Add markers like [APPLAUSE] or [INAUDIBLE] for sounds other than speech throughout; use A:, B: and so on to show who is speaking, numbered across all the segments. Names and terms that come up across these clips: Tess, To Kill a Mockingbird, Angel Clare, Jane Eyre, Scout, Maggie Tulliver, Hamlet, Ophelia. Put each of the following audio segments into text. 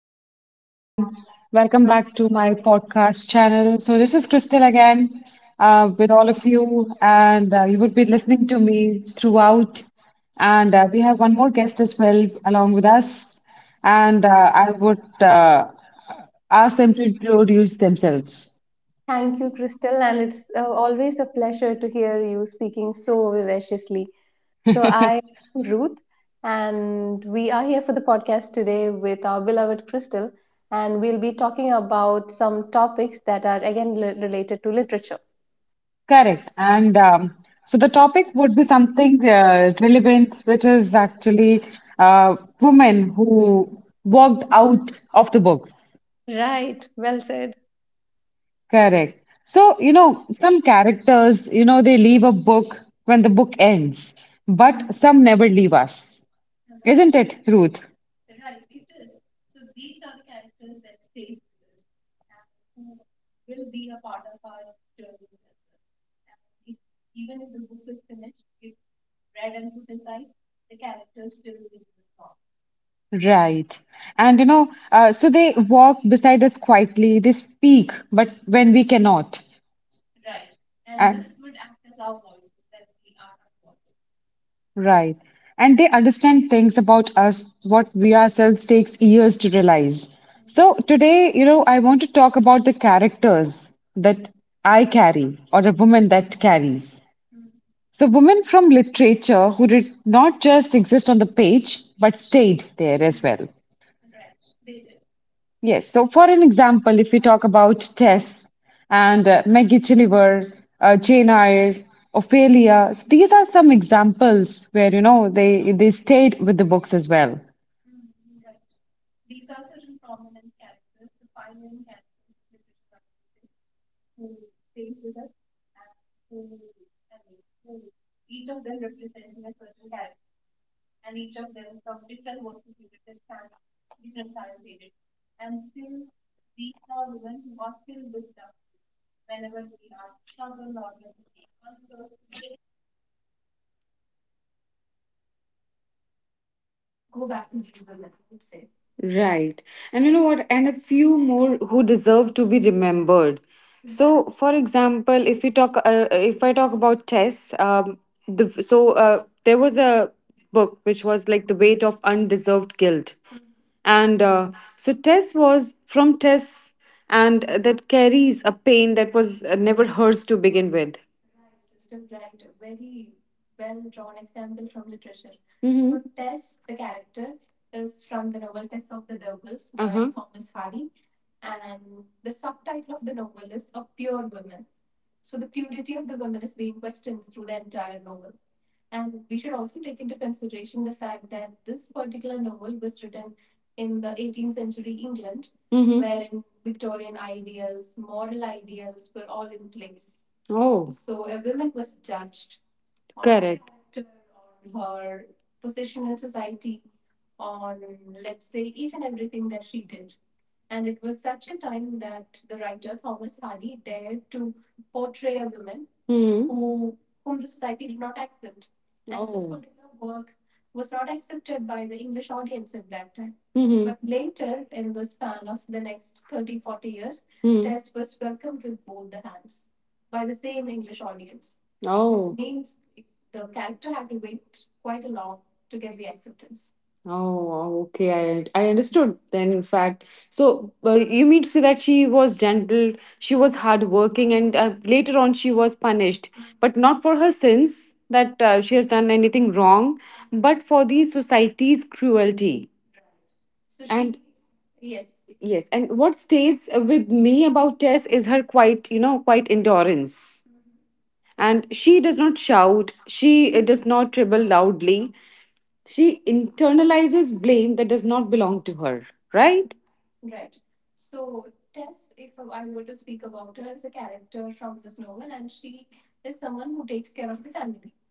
A: everyone again. Welcome back to my podcast channel. So, this is Crystal again with all of you, and you would be listening to me throughout. And we have one more guest as well along with us, and I would ask them to introduce themselves.
B: Thank you, Crystal, and it's always a pleasure to hear you speaking so vivaciously. So, [LAUGHS] I am Ruth, and we are here for the podcast today with our beloved Crystal, and we'll be talking about some topics that are again related to literature.
A: Correct. And so the topic would be something relevant, which is actually women who walked out of the books.
B: Right, well said.
A: Correct. So, some characters, they leave a book when the book ends, but some never leave us. Isn't it, Ruth? Right. And, so they walk beside us quietly, they speak, but when we cannot. And, Right. And they understand things about us what we ourselves takes years to realize. So today, I want to talk about the characters that I carry or a woman that carries. So women from literature who did not just exist on the page but stayed there as well. Yes. So, for an example, if we talk about Tess and Maggie Tulliver, Jane Eyre, Ophelia, so these are some examples where they stayed with the books as well. Right. And you know what? And a few more who deserve to be remembered. So, for example, if I talk about Tess, there was a book which was like the weight of undeserved guilt. And so Tess was from Tess, and that carries a pain that was never hers to begin with. Mhm. Oh. Mhm. Mhm. But later, in the span of the next 30-40 years, Mhm. Test was welcomed with both the hands. Oh. So it means. Oh, wow. Okay. I understood then. In fact, so you mean to say that she was gentle, she was hardworking, and later on she was punished, but not for her sins that she has done anything wrong, but for the society's cruelty. So she, and Yes, yes. And what stays with me about Tess is her quite you know quite endurance. And she does not shout. She does not tribble loudly. She internalizes blame that does not belong to her. Right.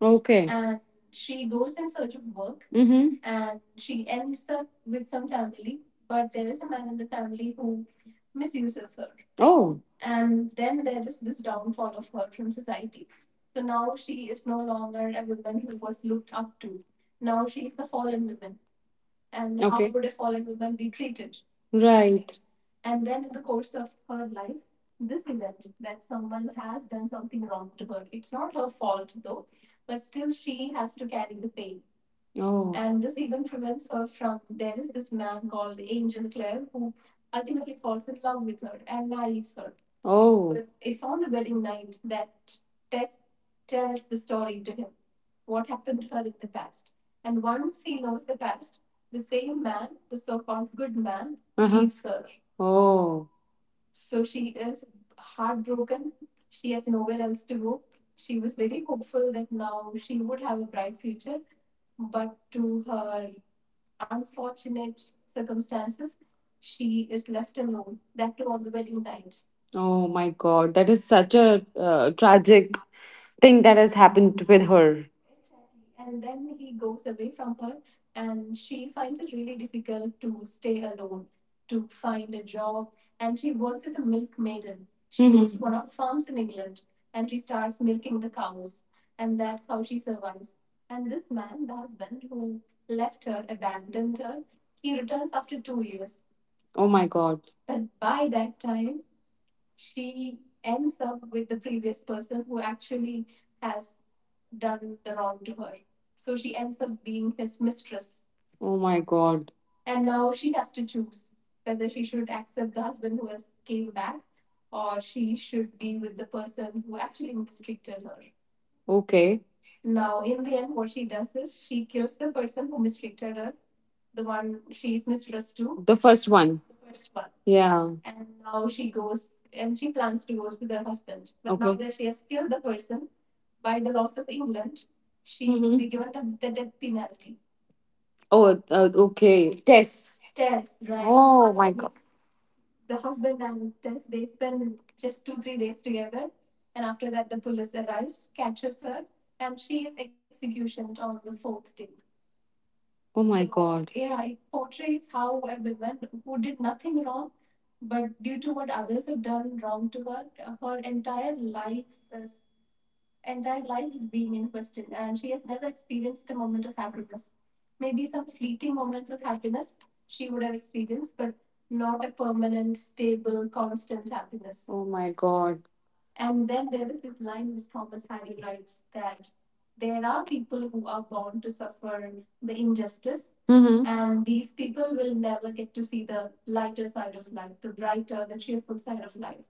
A: Okay. And she goes in search of work. Mm-hmm. Oh. And how okay would a fallen woman be treated? Right. Oh. And this even prevents her from. There is this man called Angel Clare who. Oh. Uh-huh. Oh, oh my God. That is such a tragic thing that has happened with her. Oh my God. Oh my God. Okay. The first one. Yeah. Oh, uh, Tess. God. Oh my God. Mm-hmm.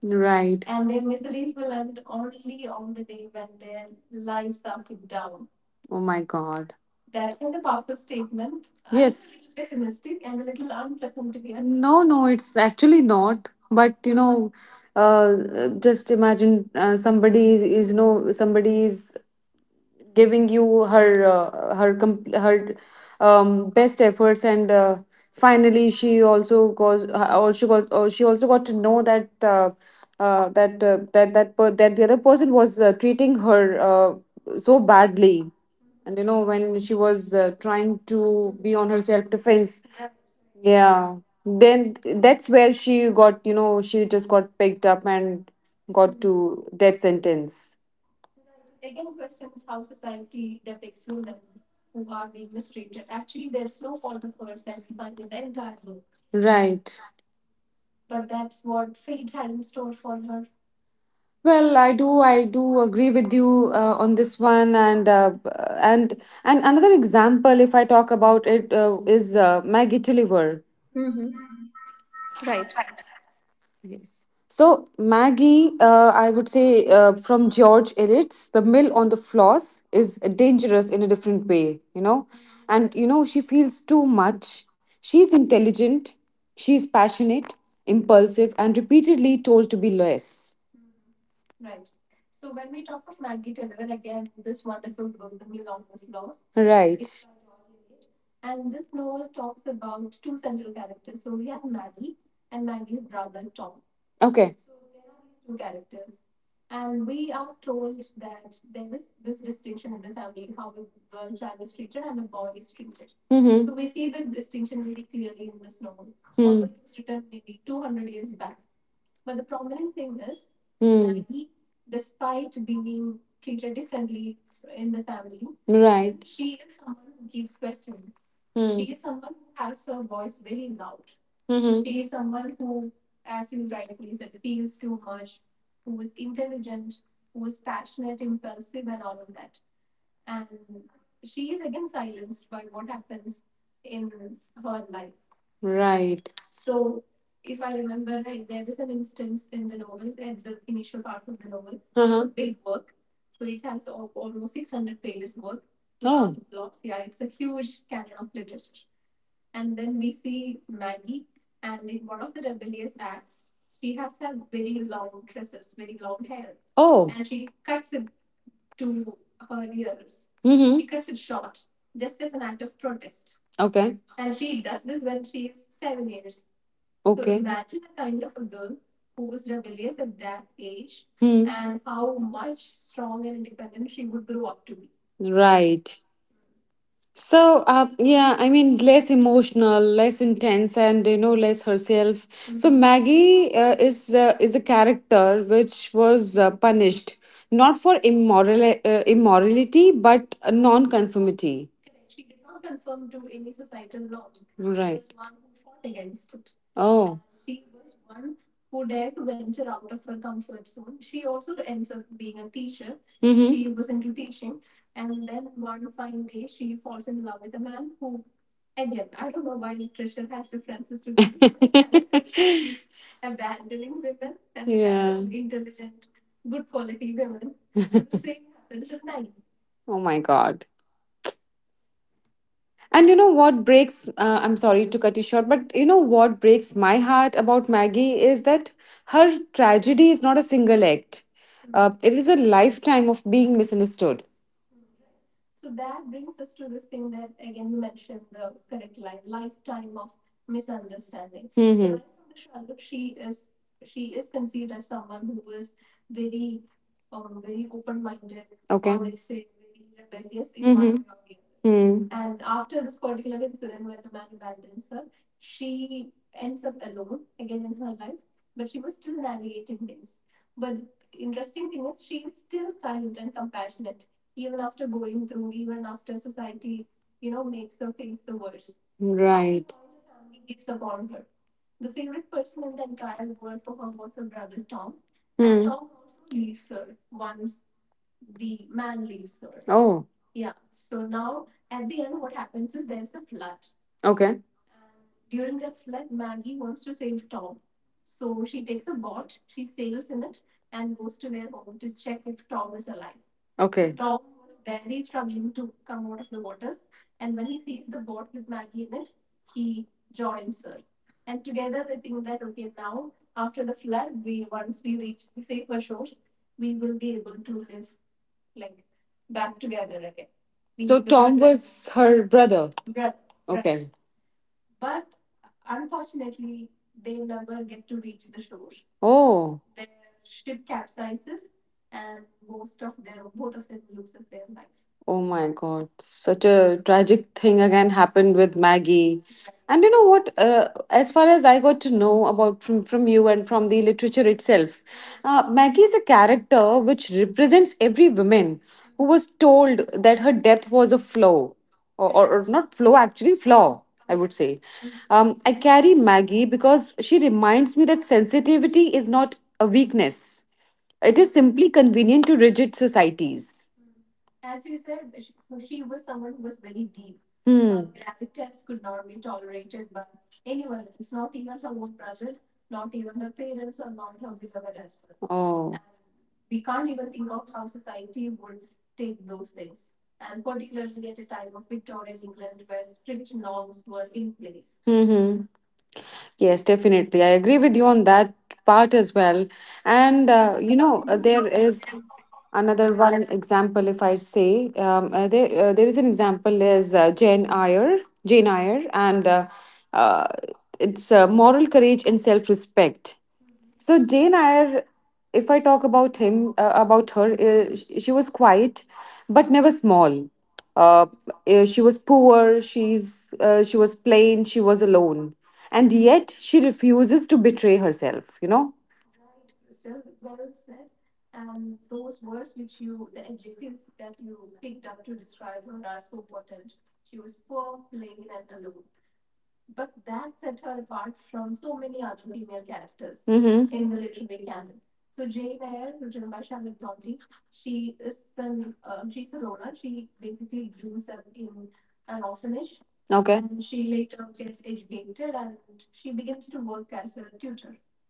A: Right. Oh my God. Honest. No, no, it's actually not. But just imagine somebody is, somebody is giving you her best efforts, and finally she also got to know that that the other person was treating her uh, so badly. And when she was trying to be on her self defense, yeah, then that's where she got, she just got picked up and got to death sentence. Right. Well, I do agree with you on this one, and and another example, if I talk about it, is Maggie Tulliver.
B: Mm-hmm. Right.
A: Yes. So Maggie, I would say from George Eliot's, The Mill on the Floss, is dangerous in a different way, and she feels too much. She's intelligent, she's passionate, impulsive, and repeatedly told to be less. Right. Okay. Hmm. Hmm. Right. Hmm. Hmm. Right. does Uh-huh. Oh. Mhm. Okay. Hmm. Right. So, yeah, I mean, less emotional, less intense, and less herself. So Maggie is a character which was punished not for immorality but non-conformity. Right. Oh. Mhm. this. [LAUGHS] Yeah. Oh my God. And I'm sorry to cut you short, but you know what breaks my heart about Maggie is that her tragedy is not a single act. It is a lifetime of being misunderstood. So. Hmm. Okay. Mm-hmm. other. Hmm. Right. Hmm. Oh. Okay. Okay. Was her brother. Oh. Oh my God. Such a tragic thing again happened with Maggie. And you know what? As far as I got to know about from you and from the literature itself, Maggie is a character which represents every woman who was told that her depth was a flaw, or not flaw, actually, flaw, I would say. I carry Maggie because she reminds me that sensitivity is not a weakness, it is simply convenient to rigid societies. Hmm. Graphic tests could not be tolerated by anyone else, not even her own brother, not even her parents, or not her beloved husband. Oh. Mm-hmm. Yes, definitely. I agree with you on that part as well. And, there is another one example, if I say, there is an example, is Jane Eyre, and uh, it's moral courage and self-respect. So Jane Eyre, if I talk about her, she was quiet, but never small. Uh, she was poor. She was plain. She was alone, and yet she refuses to betray herself. Mhm. Okay.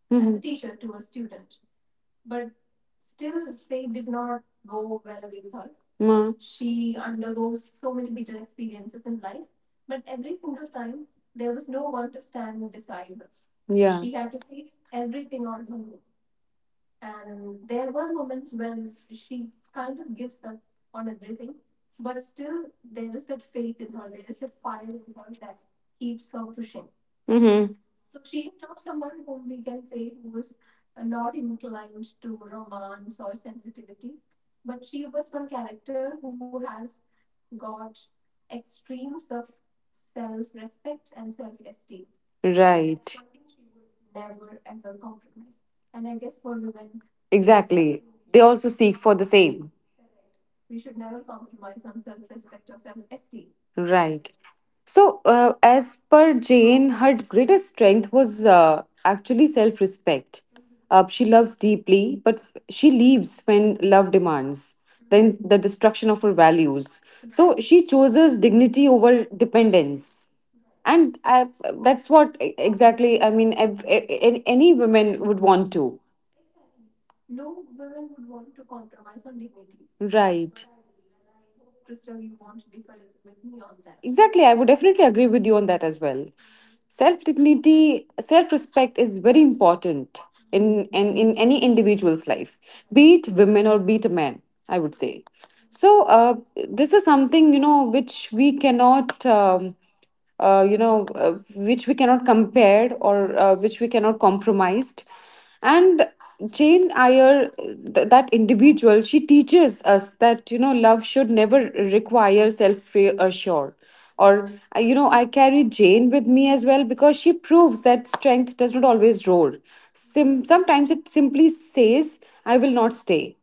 A: Mhm. Mm. Mm-hmm. Right. Exactly. They also seek for the same. Right. So, as per Jane, her greatest strength was actually self respect. She loves deeply, but she leaves when love demands, then the destruction of her values. So, she chooses dignity over dependence. And I, that's what exactly, I mean, any women would want to. Right. Exactly. I would definitely agree with you on that as well. Self dignity, self respect is very important in any individual's life, be it women or be it a man, I would say. So, this is something, which we cannot. Which we cannot compare, or which we cannot compromised. And Jane Eyre, that individual, she teaches us that love should never require self-reassure. Or I carry Jane with me as well because she proves that strength does not always roar. Sometimes it simply says, "I will not stay."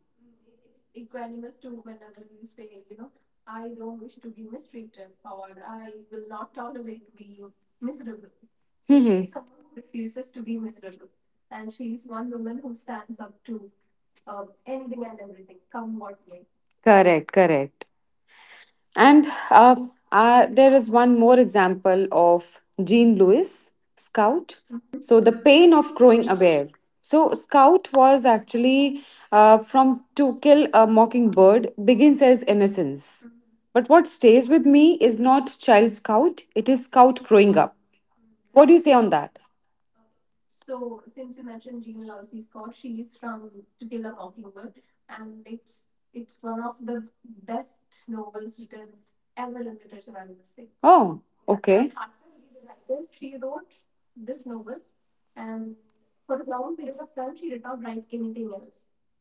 A: Correct. Correct. And there is one more example of Jean Louis, Scout. So, the pain of growing aware. So, Scout was actually from To Kill a Mockingbird, begins as innocence. But what stays with me is not Child Scout, it is Scout growing up. What do you say on that? Oh, okay.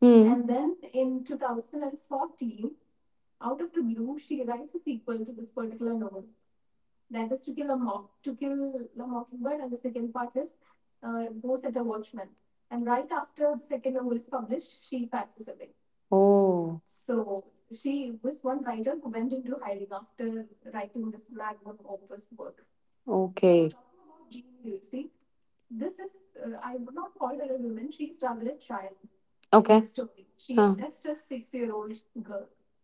A: Hmm. Oh, okay. Okay. Huh.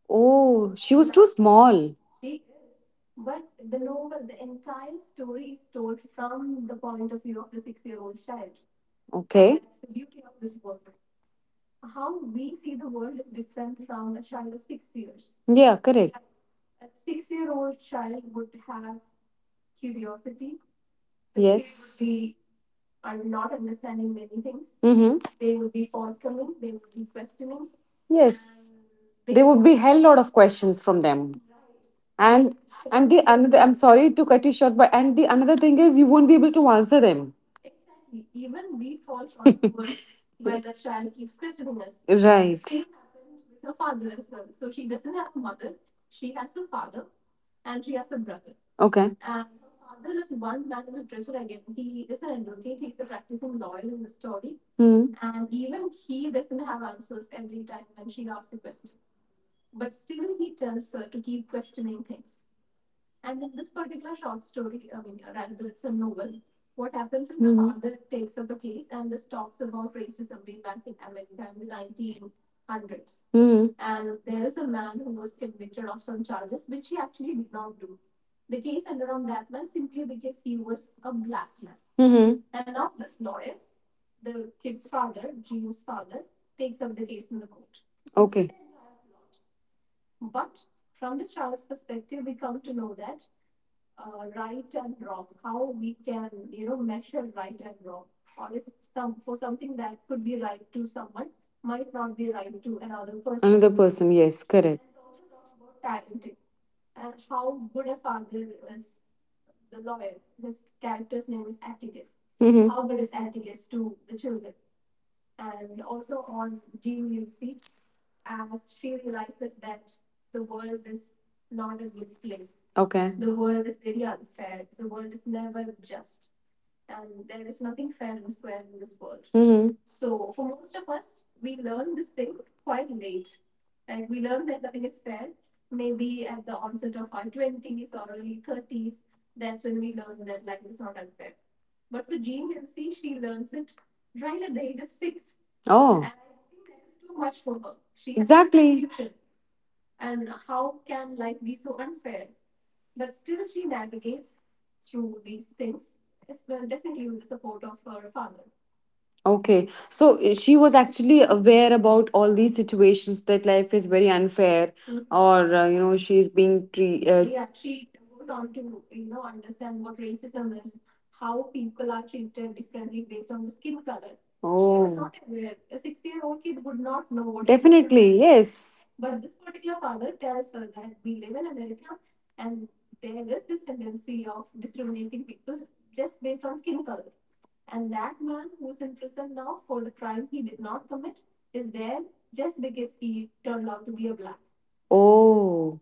A: Oh, she was too small. Okay. Yeah, correct. Yes. Mm-hmm. Yes. There would be hell lot of questions from them. and and the another, I'm sorry to cut you short, but and the another thing is you won't be able to answer them. [LAUGHS] Right. Okay. Hmm. Hmm. Hmm. Mhm. Okay. Another person, yes, correct. Mm-hmm. Okay. Mm-hmm. And Oh. Okay, so she was actually aware about all these situations that life is very unfair, or she's being treated. Oh, yes. Oh.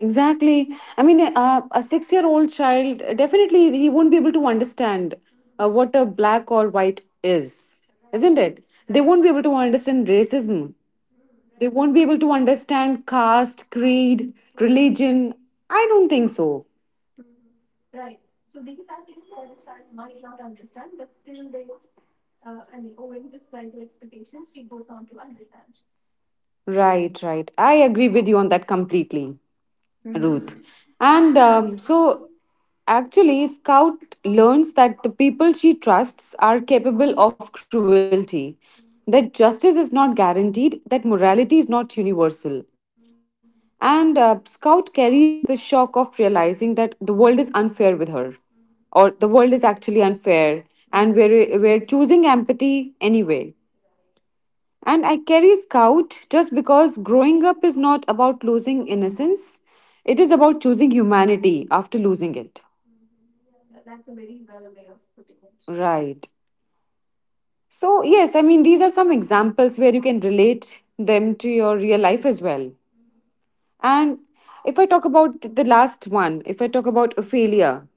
A: Exactly. I mean, a 6-year old child definitely he won't be able to understand what a black or white is, isn't it? They won't be able to understand racism. They won't be able to understand caste, creed, religion. I don't think so. Right, right. I agree with you on that completely.
B: Mm-hmm.
A: Ruth. And so, actually, Scout learns that the people she trusts are capable of cruelty, that justice is not guaranteed, that morality is not universal. And Scout carries the shock of realizing that the world is unfair with her, or the world is actually unfair, and we're choosing empathy anyway. And I carry Scout just because growing up is not about losing innocence, it is about choosing humanity after losing it. Right. So, yes, I mean, these are some examples where you can relate them to your real life as well. And if I talk about the last one, if I talk about Ophelia,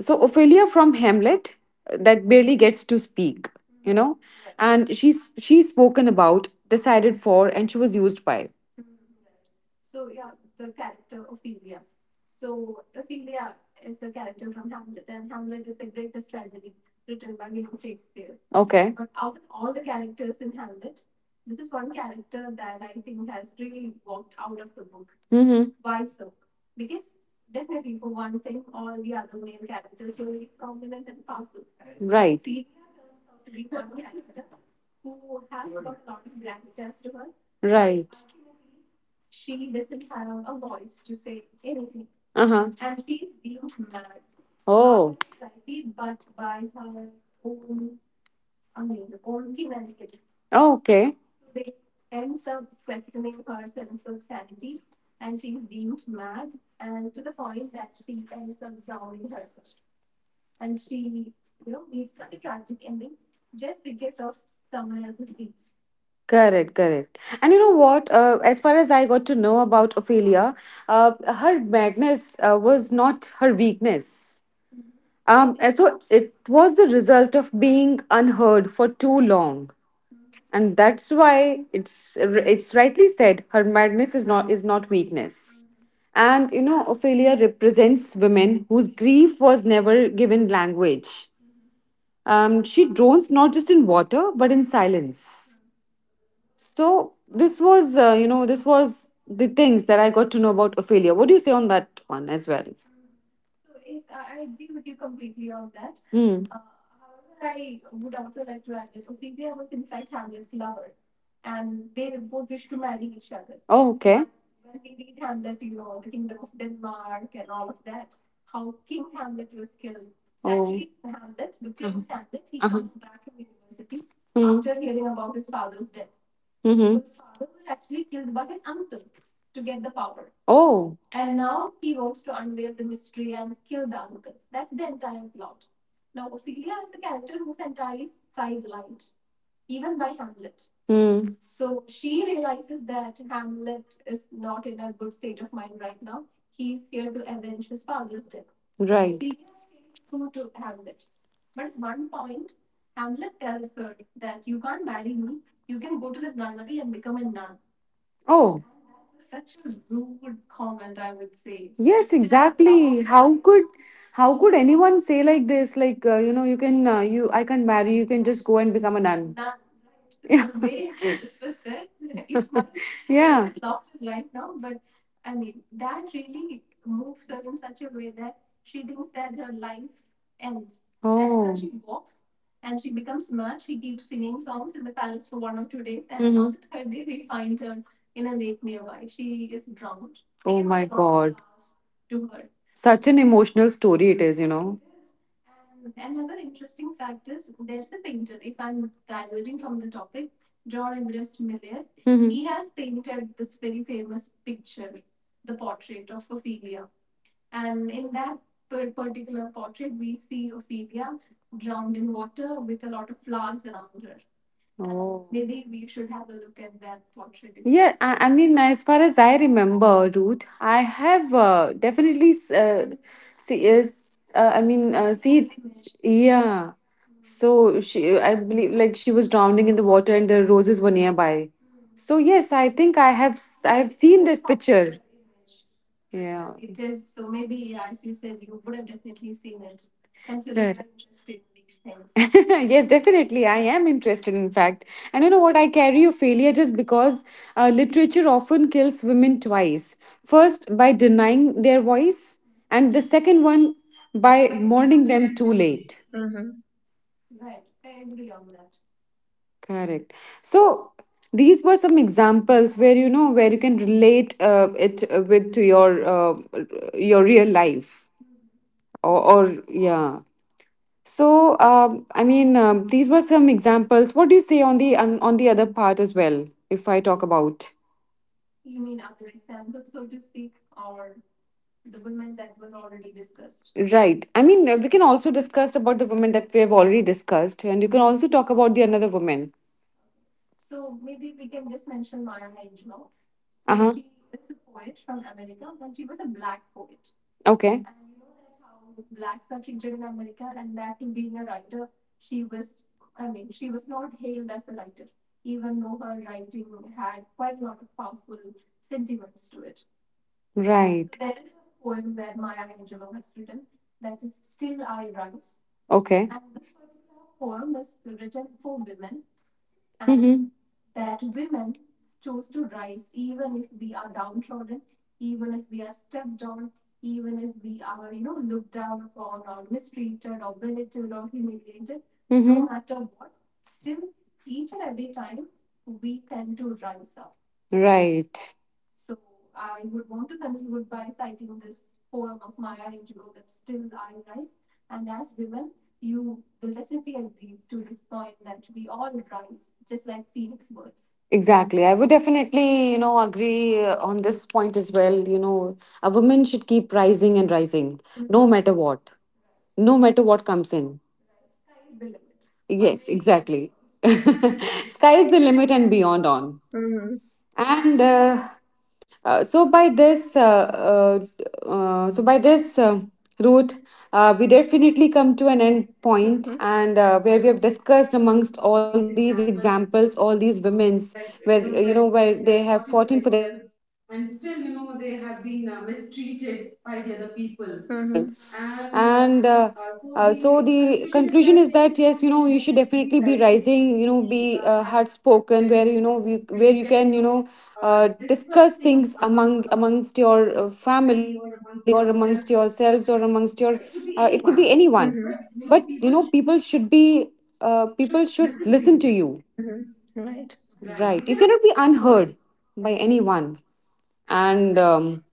A: so Ophelia from Hamlet that barely gets to speak, you know, and she's spoken about, decided for, and she was used by. Okay. Mm-hmm. Right. Right. Uh huh. Okay. Correct, correct. And you know what? As far as I got to know about Ophelia, her madness was not her weakness. And so it was the result of being unheard for too long, and that's why it's rightly said her madness is not weakness. And you know, Ophelia represents women whose grief was never given language. She drones not just in water but in silence. So this was, this was the things that I got to know about Ophelia. What do you say on that one as well? Hmm. Oh, okay. How King Hamlet was killed. Sadly. Oh. Hamlet, the Prince. Uh-huh. Hamlet, he comes back from university. Hmm. After hearing about his. Mhm. Oh. Hmm. Right. Oh. Yes, how could anyone say like this? Like you know, you can you I can't marry. You can just go and become a nun. [LAUGHS] Yeah. [LAUGHS] [LAUGHS] Oh, that's how. Oh. Hmm. Such an emotional story it is, you know. Mhm. He has painted this very famous picture. Oh. Maybe we should have a look at that portrait. Yeah, I mean, as far as I remember, Ruth, I have definitely uh, see, I mean, see, yeah. So she, I believe, like she was drowning in the water, and the roses were nearby. So yes, I think I have seen this picture. Yeah. Correct. [LAUGHS] Yes, definitely. I am interested, in fact. And you know what? I carry a failure just because literature often kills women twice. First, by denying their voice, and the second one, by mourning them too late.
B: Mm-hmm.
A: Correct. So these were some examples where, you know, where you can relate it with to your real life, or yeah. So I mean these were some examples. What do you say on the on the other part as well? If I talk about, right, I mean we can also discuss about the women that we have already discussed, and you can also talk about the another woman. Uh huh. Okay. And so. Right. Okay. Mm-hmm. Right. Exactly. I would definitely, you know, agree on this point as well. You know, a woman should keep rising and rising, no matter what, no matter what comes in. Yes, exactly. [LAUGHS] Sky is the limit and beyond on. And uh, so by this uh, so by this route we definitely come to an end point, and
B: Mm-hmm.
A: where we have discussed amongst all
B: Mm-hmm.
A: these examples, all these women's, where you know, where they have fought in for themselves, and still you know they have been mistreated by the other people,
B: Mm-hmm.
A: and so the conclusion is that yes, you know, you should definitely be rising, you know, be hard spoken, where you know where you can, you know, discuss things amongst your family, or amongst yourselves, or amongst your it could be anyone, but you know people should be people should listen to you.
B: Mm-hmm. Right.
A: Right. You cannot be unheard by anyone. And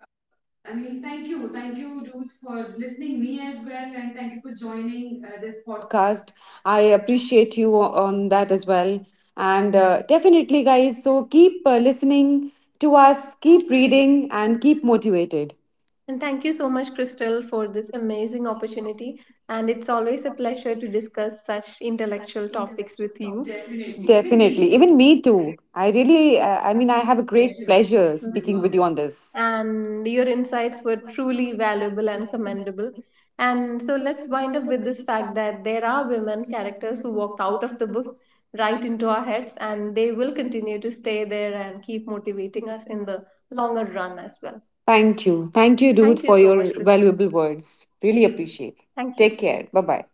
A: uh, I mean, thank you. Thank you, Ruth, for listening me as well. And thank you for joining this podcast. I appreciate you on that as well. And definitely, guys, so keep listening to us, keep reading, and keep motivated.
B: And thank you so much, Crystal, for this amazing opportunity. And it's always a pleasure to discuss such intellectual topics with you.
A: Definitely.
B: Definitely.
A: Even
B: Even
A: me
B: me,
A: too. I really, I mean, I have a
B: we-
A: great pleasure
B: we
A: speaking
B: can
A: with you
B: be
A: on
B: honest.
A: this.
B: And your insights were truly valuable and commendable. And so let's wind up with this fact that there are women characters who walked out of the books right into our heads, and they will continue to stay there and keep motivating us in the longer run as well.
A: Thank you. Thank
B: Thank
A: you,
B: you,
A: Ruth,
B: thank you
A: for
B: so
A: your
B: much, Crystal.
A: valuable words. Really
B: It.
A: appreciate. Take care. Bye
B: Thank
A: bye.